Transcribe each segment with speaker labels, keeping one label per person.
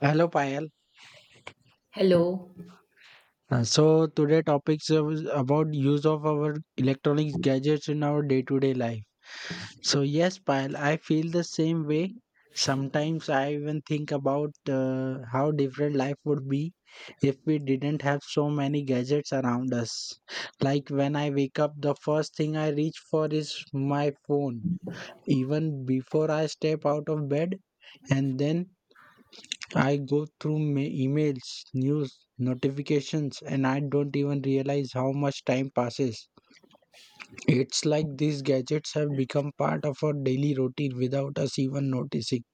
Speaker 1: Hello, Payal.
Speaker 2: Hello.
Speaker 1: So today topics is about use of our electronics gadgets in our day-to-day life. So yes, Payal, I feel the same way. Sometimes I even think about how different life would be if we didn't have so many gadgets around us. Like when I wake up, the first thing I reach for is my phone, even before I step out of bed. And then I go through my emails, news, notifications, and I don't even realize how much time passes. It's like these gadgets have become part of our daily routine without us even noticing.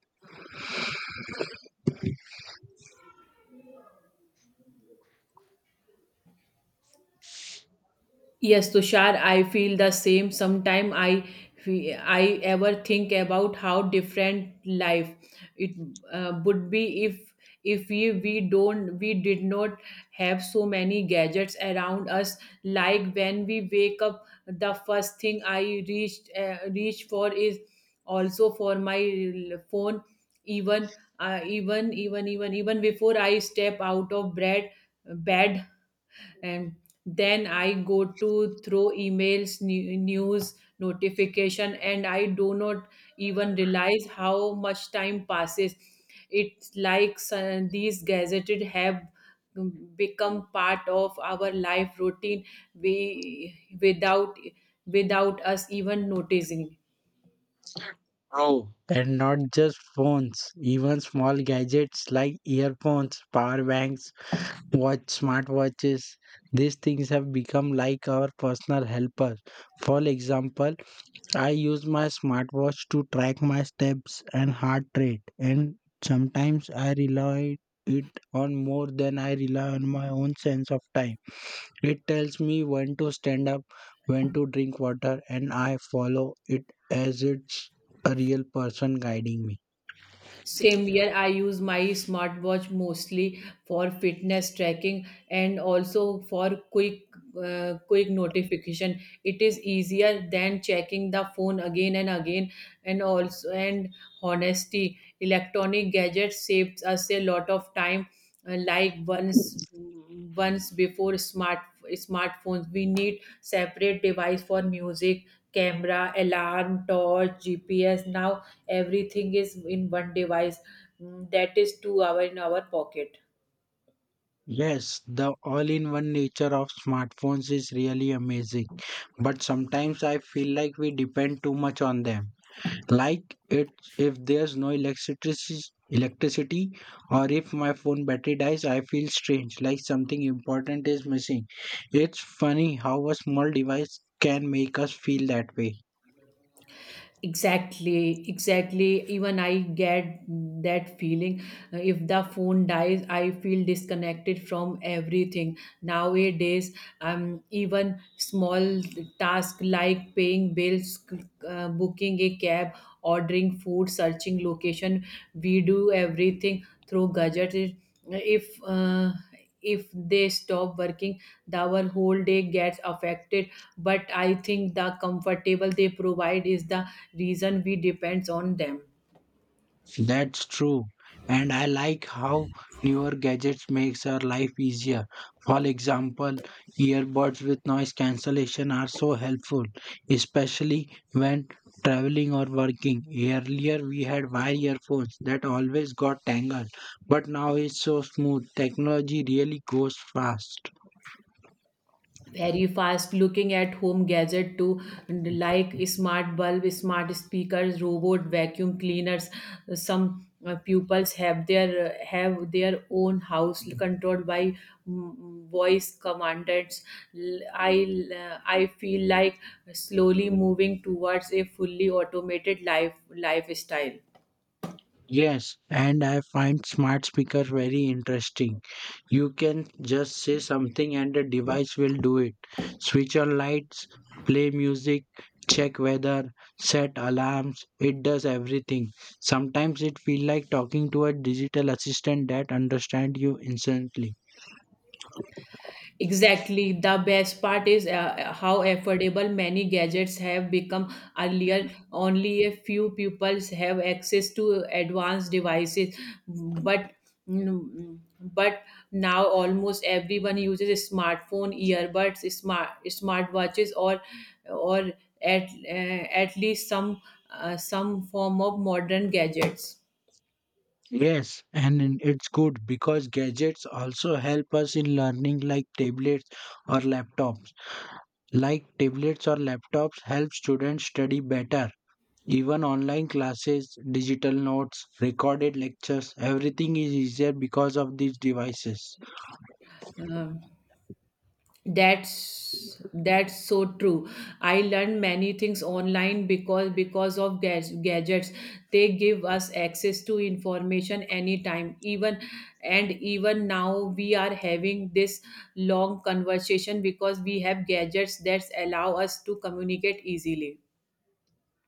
Speaker 2: Yes, Tushar, I feel the same. Sometimes I ever think about how different life it would be if if we did not have so many gadgets around us, like when we wake up, the first thing I reach for is also for my phone, even even before I step out of bed. And then I go to throw emails, news, notification, and I do not even realize how much time passes. It's like these gazetted have become part of our life routine we without us even noticing.
Speaker 1: Bro, and not just phones, even small gadgets like earphones, power banks, watch smartwatches. These things have become like our personal helper. For example, I use my smartwatch to track my steps and heart rate, and sometimes I rely it on more than I rely on my own sense of time. It tells me when to stand up, when to drink water, and I follow it as it's a real person guiding me.
Speaker 2: Same year, I use my smartwatch mostly for fitness tracking and also for quick notification. It is easier than checking the phone again and again. And also, and honesty, electronic gadgets saves us a lot of time. Like once before smartphones, we need separate device for music, camera, alarm, torch, GPS. Now everything is in one device. Mm, that is 2 hour in our pocket.
Speaker 1: Yes, the all in one nature of smartphones is really amazing, but sometimes I feel like we depend too much on them. Like it, if there's no electricity or if my phone battery dies, I feel strange, like something important is missing. It's funny how a small device can make us feel that way.
Speaker 2: Exactly, exactly, even I get that feeling. If the phone dies, I feel disconnected from everything nowadays. Even small task like paying bills, booking a cab, ordering food, searching location, we do everything through gadgets. If if they stop working, the our whole day gets affected. But I think the comfortable they provide is the reason we depends on them.
Speaker 1: That's true. And I like how newer gadgets makes our life easier. For example, earbuds with noise cancellation are so helpful, especially when traveling or working. Earlier we had wire earphones that always got tangled, but now it's so smooth. Technology really goes fast.
Speaker 2: Very fast, looking at home gadget too, like smart bulb, smart speakers, robot vacuum cleaners. Some pupils have their own house controlled by voice commandants. I feel like slowly moving towards a fully automated lifestyle.
Speaker 1: Yes, and I find smart speakers very interesting. You can just say something and the device will do it. Switch on lights, play music, check weather, set alarms. It does everything. Sometimes it feels like talking to a digital assistant that understands you instantly.
Speaker 2: Exactly. The best part is how affordable many gadgets have become. Earlier, only a few people have access to advanced devices, but mm, but now almost everyone uses a smartphone, earbuds, smartwatches, or at least some form of modern gadgets.
Speaker 1: Yes, and it's good because gadgets also help us in learning like tablets or laptops. Like tablets or laptops help students study better. Even online classes, digital notes, recorded lectures, everything is easier because of these devices.
Speaker 2: Um, that's so true. I learned many things online because because of gadgets. They give us access to information anytime, even — and even now we are having this long conversation because we have gadgets that allow us to communicate easily.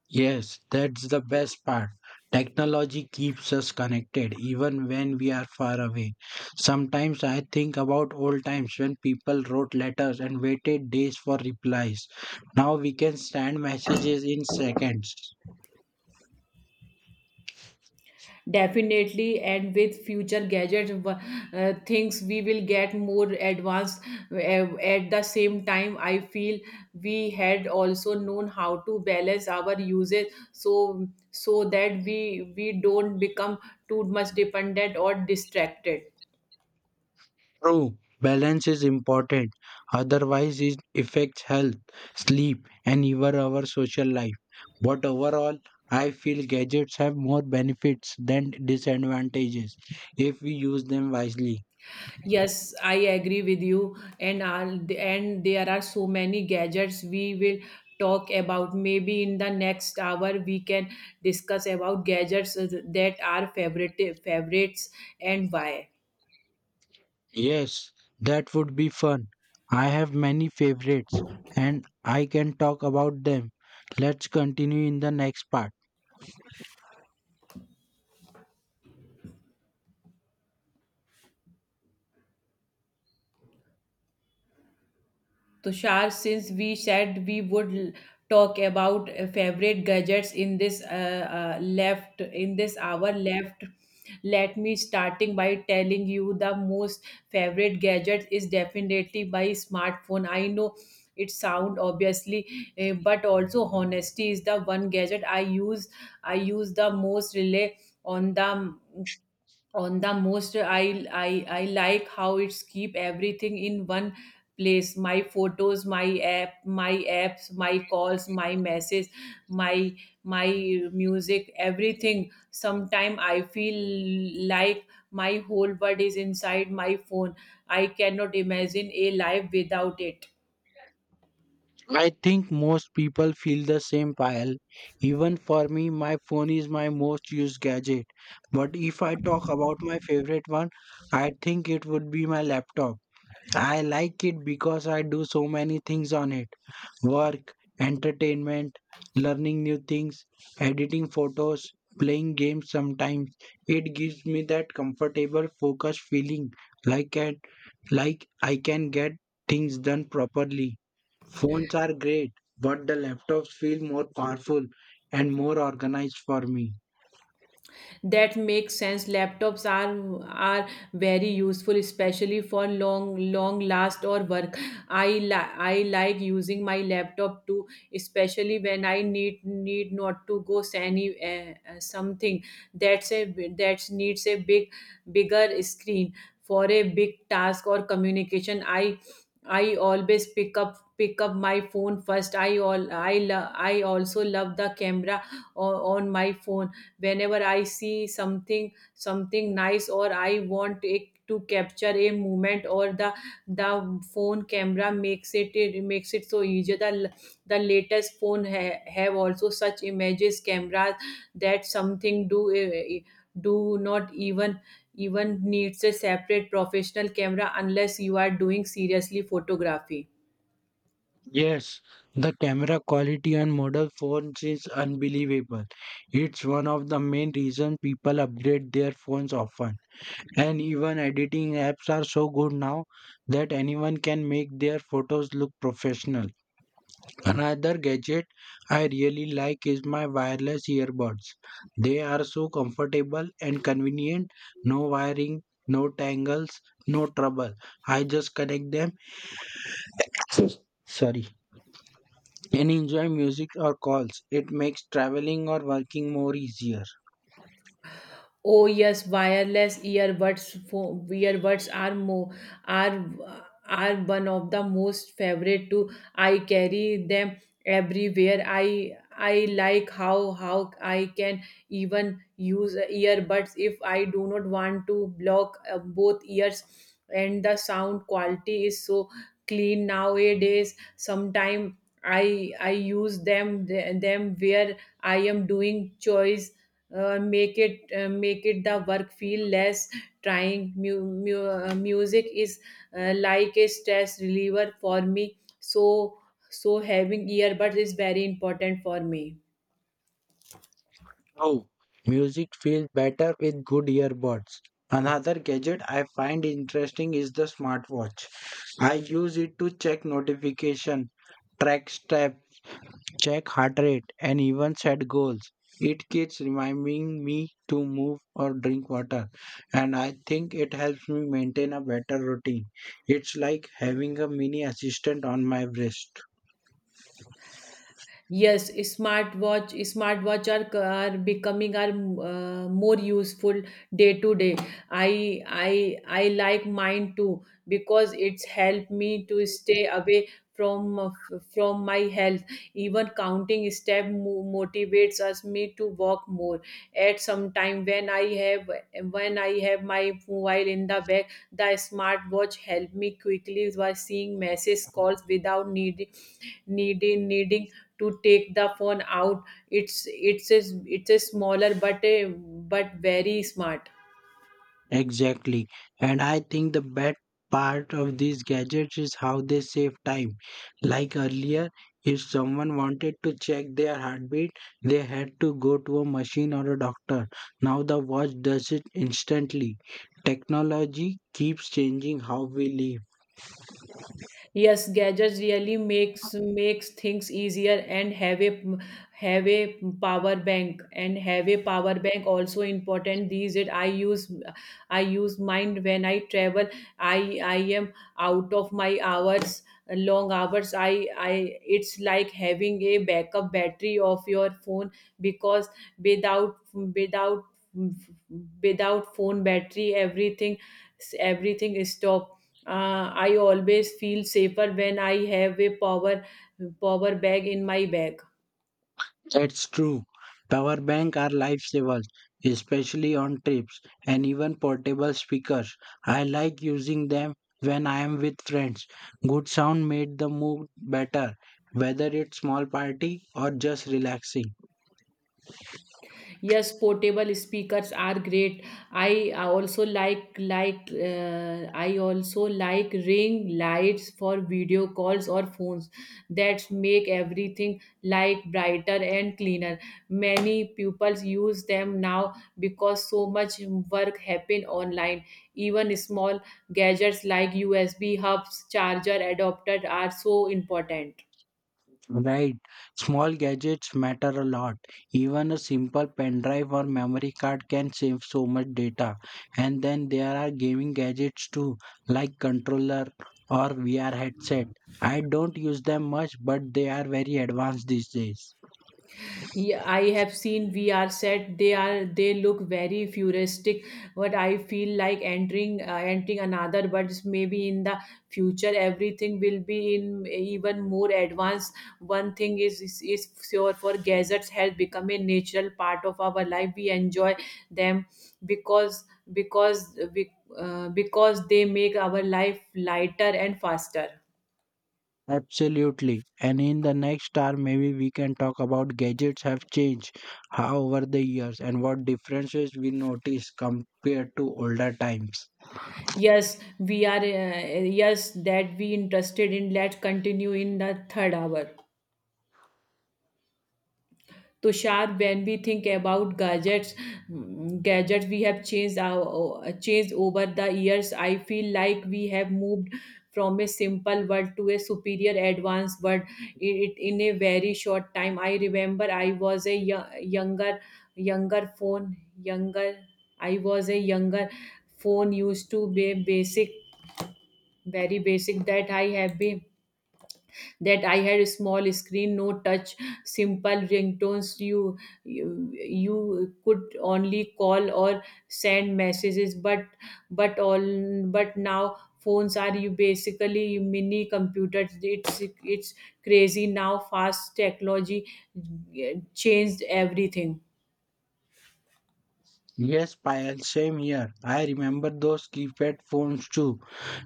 Speaker 1: Yes, that's the best part. Technology keeps us connected even when we are far away. Sometimes I think about old times when people wrote letters and waited days for replies. Now we can send messages in seconds.
Speaker 2: Definitely, and with future gadgets things we will get more advanced. At the same time I feel we had also known how to balance our uses, so that we don't become too much dependent or distracted.
Speaker 1: True, balance is important. Otherwise, it affects health, sleep, and even our social life. But overall, I feel gadgets have more benefits than disadvantages if we use them wisely.
Speaker 2: Yes, I agree with you. And there are so many gadgets we will talk about. Maybe in the next hour we can discuss about gadgets that are favorites, and why.
Speaker 1: Yes, that would be fun. I have many favorites and I can talk about them. Let's continue in the next part.
Speaker 2: Tushar, since we said we would talk about favorite gadgets in this hour left, let me starting by telling you the most favorite gadget is definitely my smartphone. I know it sound obviously, but also honesty is the one gadget I use. I use the most, relay on the on the most. I like how it's keep everything in one place, my photos, my apps, my calls, my message, my my music, everything. Sometime I feel like my whole world is inside my phone. I cannot imagine a life without it.
Speaker 1: I think most people feel the same pile. Even for me, my phone is my most used gadget. But if I talk about my favorite one, I think it would be my laptop. I like it because I do so many things on it: work, entertainment, learning new things, editing photos, playing games sometimes. It gives me that comfortable, focused feeling, like, at like I can get things done properly. Phones are great, but the laptops feel more powerful and more organized for me.
Speaker 2: That makes sense. Laptops are very useful, especially for long last or work. I like using my laptop too, especially when I need not to go s- any something that's a that needs a bigger screen. For a big task or communication, I always pick up my phone first. I love, I also love the camera on my phone. Whenever I see something nice, or I want it to capture a moment, or the phone camera makes it makes it so easy. The latest phone have also such images cameras that something do do not even needs a separate professional camera unless you are doing seriously photography.
Speaker 1: Yes, the camera quality on model phones is unbelievable. It's one of the main reason people upgrade their phones often. And even editing apps are so good now that anyone can make their photos look professional. Another gadget I really like is my wireless earbuds. They are so comfortable and convenient. No wiring, no tangles, no trouble. I just connect them, sorry, and enjoy music or calls. It makes traveling or working more easier.
Speaker 2: Oh yes, wireless earbuds. Fo- earbuds are more are are one of the most favorite too. I carry them everywhere. I like how I can even use earbuds if I do not want to block both ears, and the sound quality is so clean nowadays. Sometimes I use them where I am doing chores. Make it the work feel less trying. Music is like a stress reliever for me, so having earbuds is very important for me.
Speaker 1: Oh, music feels better with good earbuds. Another gadget I find interesting is the smartwatch. I use it to check notification, track steps, check heart rate, and even set goals. It keeps reminding me to move or drink water, and I think it helps me maintain a better routine. It's like having a mini assistant on my wrist.
Speaker 2: Yes, smartwatch are more useful day to day. I like mine too because it's helped me to stay away from from my health. Even counting step motivates us me to walk more. At some time when I have my mobile in the bag, the smartwatch help me quickly by seeing message calls without needing to take the phone out. It's it's a, it's a smaller but a but very smart.
Speaker 1: Exactly. And I think the bad part of these gadgets is how they save time. Like earlier, if someone wanted to check their heartbeat, they had to go to a machine or a doctor. Now the watch does it instantly. Technology keeps changing how we live.
Speaker 2: Yes, gadgets really makes things easier, and have a power bank also important these days. I use mine when I travel. I am Out of my hours, long hours, I it's like having a backup battery of your phone, because without without without phone battery, everything is stop. Uh, I always feel safer when I have a power bag in my bag.
Speaker 1: That's true. Power bank are lifesavers, especially on trips, and even portable speakers. I like using them when I am with friends. Good sound made the mood better, whether it's small party or just relaxing.
Speaker 2: Yes, portable speakers are great. I also like ring lights for video calls or phones that make everything like brighter and cleaner. Many pupils use them now because so much work happen online. Even small gadgets like USB hubs, charger adapter are so important.
Speaker 1: Right. Small gadgets matter a lot. Even a simple pen drive or memory card can save so much data. And then there are gaming gadgets too, like controller or VR headset. I don't use them much, but they are very advanced these days.
Speaker 2: Yeah, I have seen VR set. They are they look very futuristic, but I feel like entering another. But maybe in the future, everything will be in even more advanced. One thing is sure, for gadgets has become a natural part of our life. We enjoy them because because because they make our life lighter and faster.
Speaker 1: Absolutely. And in the next hour, maybe we can talk about gadgets have changed how over the years and what differences we notice compared to older times.
Speaker 2: Yes, we are. Yes, that we interested in. Let's continue in the third hour. Tushar, when we think about gadgets, gadgets we have changed our changed over the years. I feel like we have moved from a simple world to a superior advanced world, it, in a very short time. I remember I was a younger. I was a younger phone used to be basic very basic, that I have been that I had a small screen, no touch, simple ringtones. You could only call or send messages, but all but now phones are you basically mini computers. It's crazy now, fast technology changed everything.
Speaker 1: Yes, Payal, same here. I remember those keypad phones too.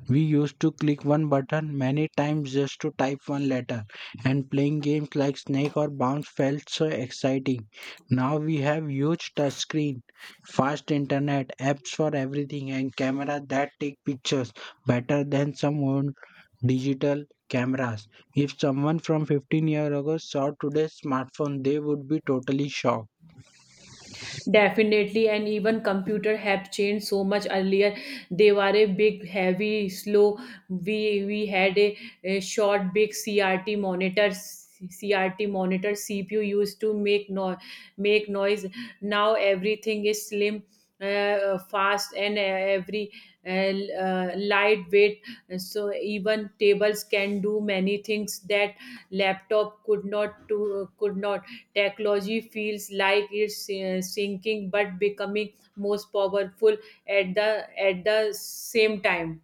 Speaker 1: We used to click one button many times just to type one letter, and playing games like Snake or Bounce felt so exciting. Now we have huge touchscreen, fast internet, apps for everything, and camera that take pictures better than some old digital cameras. If someone from 15 years ago saw today's smartphone, they would be totally shocked.
Speaker 2: Definitely, and even computer have changed so much earlier. They were a big, heavy, slow. We we had a, a short, big CRT monitor. CPU used to make no make noise. Now everything is slim, fast, and every lightweight, so even tables can do many things that laptop could not to could not. Technology feels like it's sinking but becoming most powerful at the same time.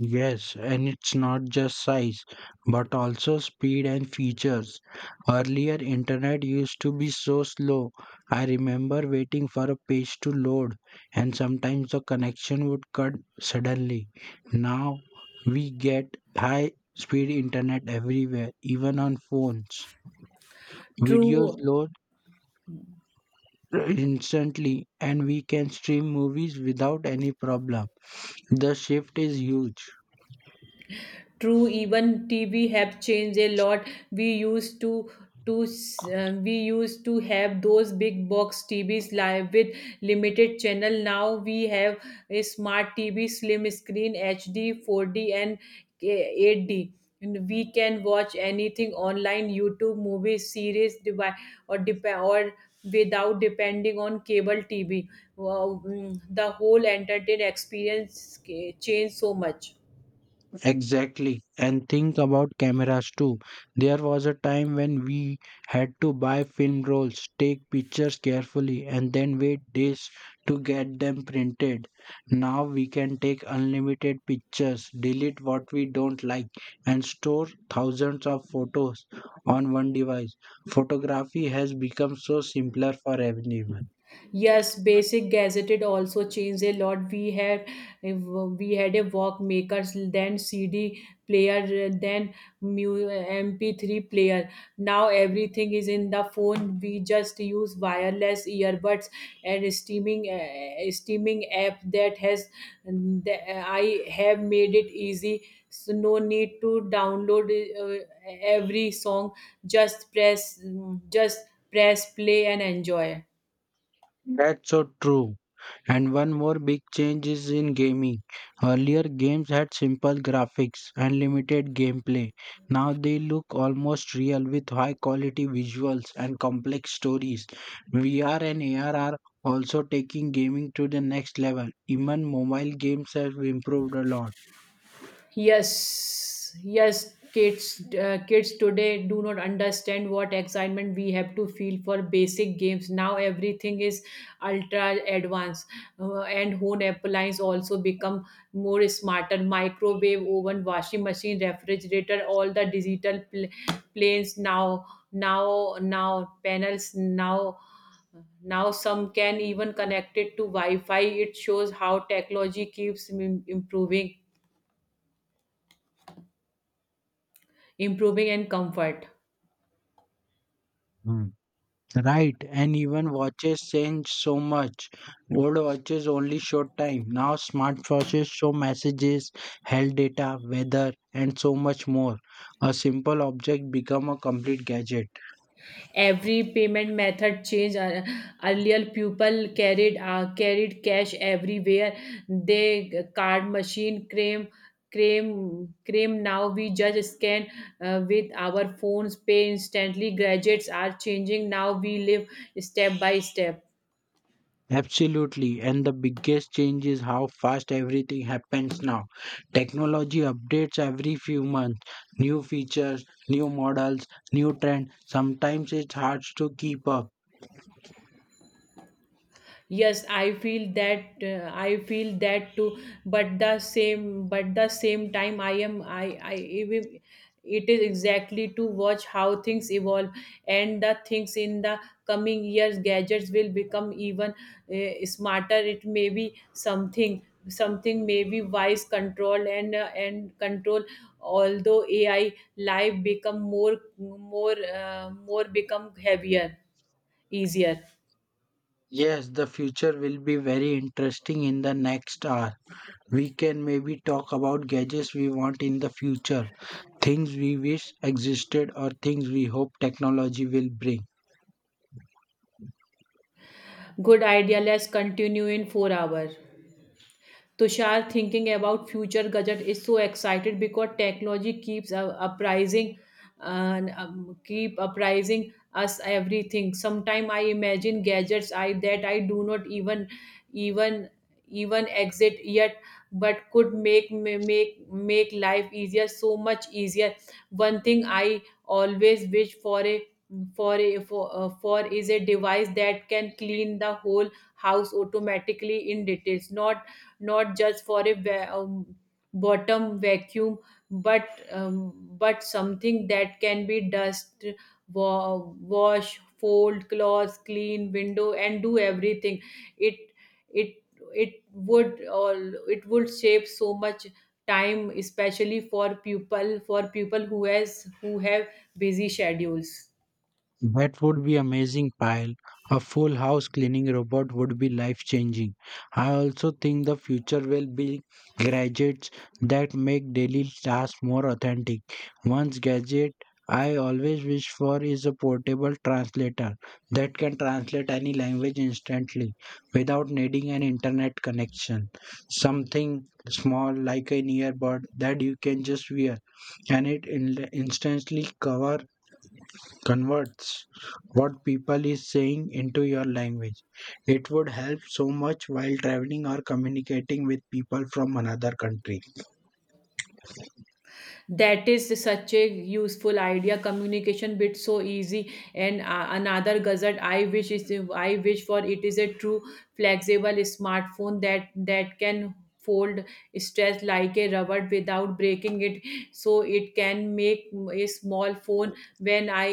Speaker 1: Yes, and it's not just size, but also speed and features. Earlier, internet used to be so slow. I remember waiting for a page to load, and sometimes the connection would cut suddenly. Now we get high speed internet everywhere, even on phones. Videos
Speaker 2: True.
Speaker 1: load instantly, and we can stream movies without any problem. The shift is huge.
Speaker 2: True, even TV have changed a lot. We used to have those big box TVs live with limited channel. Now we have a smart TV, slim screen, HD, 4D, and 8D. And we can watch anything online, YouTube, movies, series, devi- or dep- or without depending on cable TV. Wow, the whole entertainment experience changed so much.
Speaker 1: Exactly. And think about cameras too. There was a time when we had to buy film rolls, take pictures carefully, and then wait days to get them printed. Now we can take unlimited pictures, delete what we don't like, and store thousands of photos on one device. Photography has become so simpler for everyone.
Speaker 2: Yes, basic gazetted also changed a lot. We had a Walkmakers, then CD player, then MP3 player. Now everything is in the phone. We just use wireless earbuds and streaming app that has, the- I have made it easy. So no need to download uh, every song. Just press, just press play and enjoy.
Speaker 1: That's so true. And one more big change is in gaming. Earlier, games had simple graphics and limited gameplay. Now they look almost real with high quality visuals and complex stories. VR and AR are also taking gaming to the next level. Even mobile games have improved a lot.
Speaker 2: Yes, yes, kids, kids today do not understand what excitement we have to feel for basic games. Now everything is ultra advanced, and home appliances also become more smarter. Microwave oven, washing machine, refrigerator, all the digital pl- planes now, now, now panels now. Now some can even connect it to Wi-Fi. It shows how technology keeps improving and comfort
Speaker 1: Right, and even watches change so much. Old watches only showed time. Now smart watches show messages, health data, weather, and so much more. A simple object become a complete gadget.
Speaker 2: every payment method change. Earlier people carried cash everywhere. They card machine cream now we just scan with our phones, pay instantly. Gadgets are changing now we live step by step.
Speaker 1: Absolutely, and the biggest change is how fast everything happens now. Technology updates every few months. New features, new models, new trend. Sometimes it's hard to keep up.
Speaker 2: Yes, I feel that, I feel that too. But the same time I am I even it is exactly to watch how things evolve, and the things in the coming years gadgets will become even smarter. It may be something, maybe wise control and control. Although AI life become more become heavier easier.
Speaker 1: Yes, the future will be very interesting. In the next hour, we can maybe talk about gadgets we want in the future, things we wish existed, or things we hope technology will bring.
Speaker 2: Good idea. Let's continue in 4 hours. Tushar, thinking about future gadget is so excited because technology keeps uprising and keep uprising us everything. Sometime I imagine gadgets I that I do not even even exit yet, but could make life easier, so much easier. One thing I always wish for is a device that can clean the whole house automatically in details, not not just for a bottom vacuum, but something that can be dust, wa- wash, fold clothes, clean window and do everything. It it it would all it would save so much time, especially for people who have busy schedules.
Speaker 1: That would be amazing, pile. A full house cleaning robot would be life changing. I also think the future will be gadgets that make daily tasks more authentic. One gadget I always wish for is a portable translator that can translate any language instantly without needing an internet connection. Something small like an earbud that you can just wear and it instantly cover converts what people is saying into your language. It would help so much while traveling or communicating with people from another country.
Speaker 2: That is such a useful idea. Communication bit so easy, and another gadget I wish is I wish for it is a true flexible smartphone that can fold, stretch like a rubber without breaking it, so it can make a small phone when i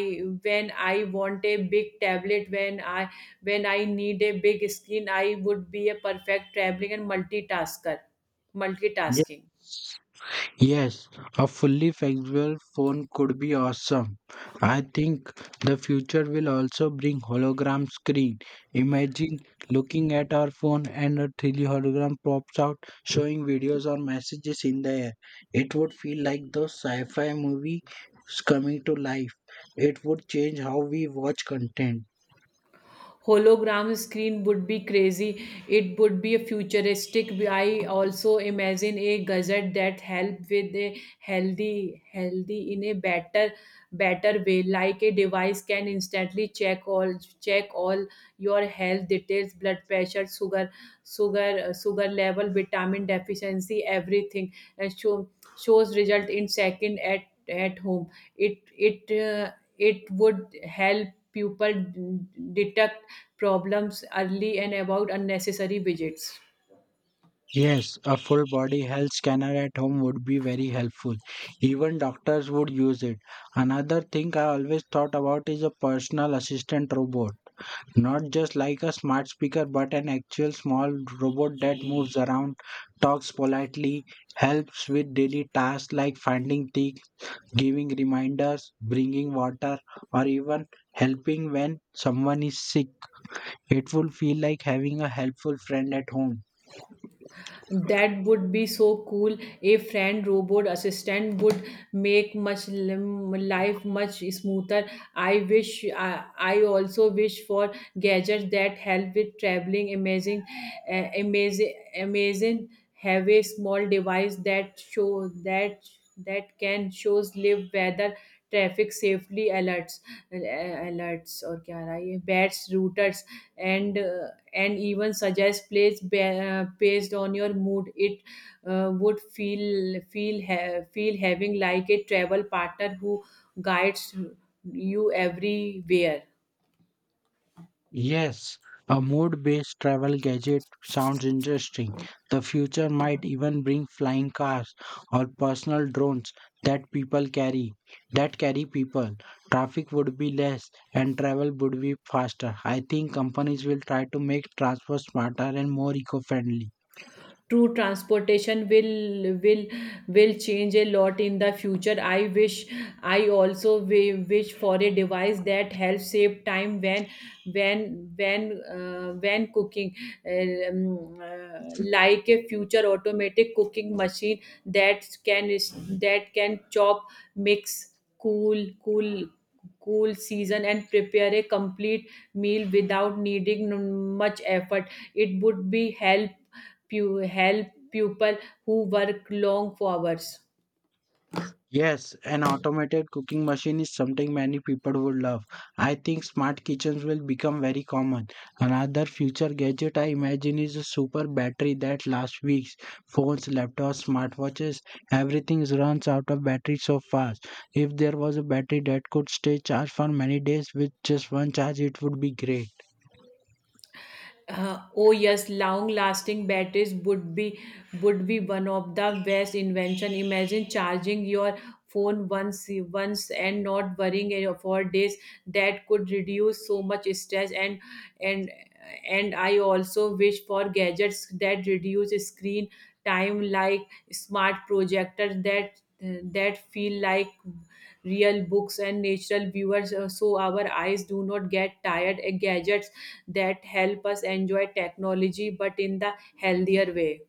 Speaker 2: when i want a big tablet, when I need a big screen. I would be a perfect traveling and multitasker multitasking.
Speaker 1: Yes, a fully flexible phone could be awesome. I think the future will also bring hologram screen. Imagine looking at our phone and a 3D hologram pops out showing videos or messages in the air. It would feel like those sci-fi movies coming to life. It would change how we watch content.
Speaker 2: Hologram screen would be crazy. It would be a futuristic. I also imagine a gadget that help with a healthy in a better way. Like a device can instantly check all your health details, blood pressure, sugar level, vitamin deficiency, everything, and shows result in second at home. It it. Uh, it would help people detect problems early and about unnecessary visits.
Speaker 1: Yes, a full body health scanner at home would be very helpful. Even doctors would use it. Another thing I always thought about is a personal assistant robot. Not just like a smart speaker, but an actual small robot that moves around, talks politely, helps with daily tasks like finding things, giving reminders, bringing water, or even helping when someone is sick. It would feel like having a helpful friend at home.
Speaker 2: That would be so cool. A friend robot assistant would make much life much smoother. I also wish for gadgets that help with traveling. Amazing, have a small device that show that that can shows live weather, traffic, safely alerts, alerts, or क्या आ रहा है ये bats routers, and routers and and even suggest plays based on your mood. It Would feel having like a travel partner who guides you everywhere.
Speaker 1: Yes, a mood based travel gadget sounds interesting. The future might even bring flying cars or personal drones that people carry, that carry people. Traffic would be less and travel would be faster. I think companies will try to make transport smarter and more eco-friendly.
Speaker 2: True, transportation will change a lot in the future. I wish I also wi- wish for a device that helps save time when when when cooking, like a future automatic cooking machine that can that can chop, mix, cool cool cool, season and prepare a complete meal without needing much effort. It would be help help people who work long hours.
Speaker 1: Yes, an automated cooking machine is something many people would love. I think smart kitchens will become very common. Another future gadget I imagine is a super battery that lasts weeks. Phones, laptops, smartwatches, everything runs out of battery so fast. If there was a battery that could stay charged for many days with just one charge, it would be great.
Speaker 2: Oh yes, long-lasting batteries would be one of the best invention. Imagine charging your phone once and not worrying for days. That could reduce so much stress, and and I also wish for gadgets that reduce screen time, like smart projectors that feel like real books and natural viewers, so our eyes do not get tired. A gadget that help us enjoy technology but in the healthier way.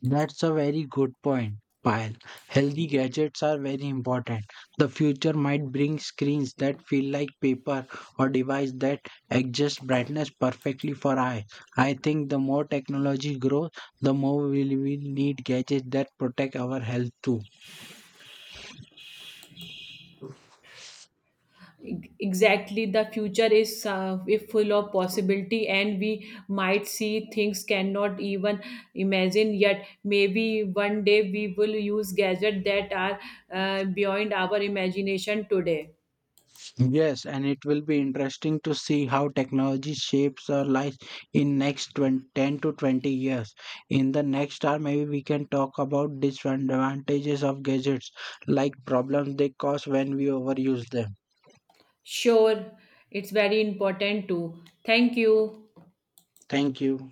Speaker 1: That's a very good point, Payal. Healthy gadgets are very important. The future might bring screens that feel like paper or device that adjust brightness perfectly for eye. I think the more technology grows, the more we will need gadgets that protect our health too.
Speaker 2: Exactly, the future is, if full of possibility, and we might see things cannot even imagine yet. Maybe one day we will use gadgets that are beyond our imagination today.
Speaker 1: Yes, and it will be interesting to see how technology shapes our lives in next 20, 10 to 20 years. In the next hour, maybe we can talk about disadvantages of gadgets, like problems they cause when we overuse them.
Speaker 2: Sure, it's very important too. Thank you.
Speaker 1: Thank you.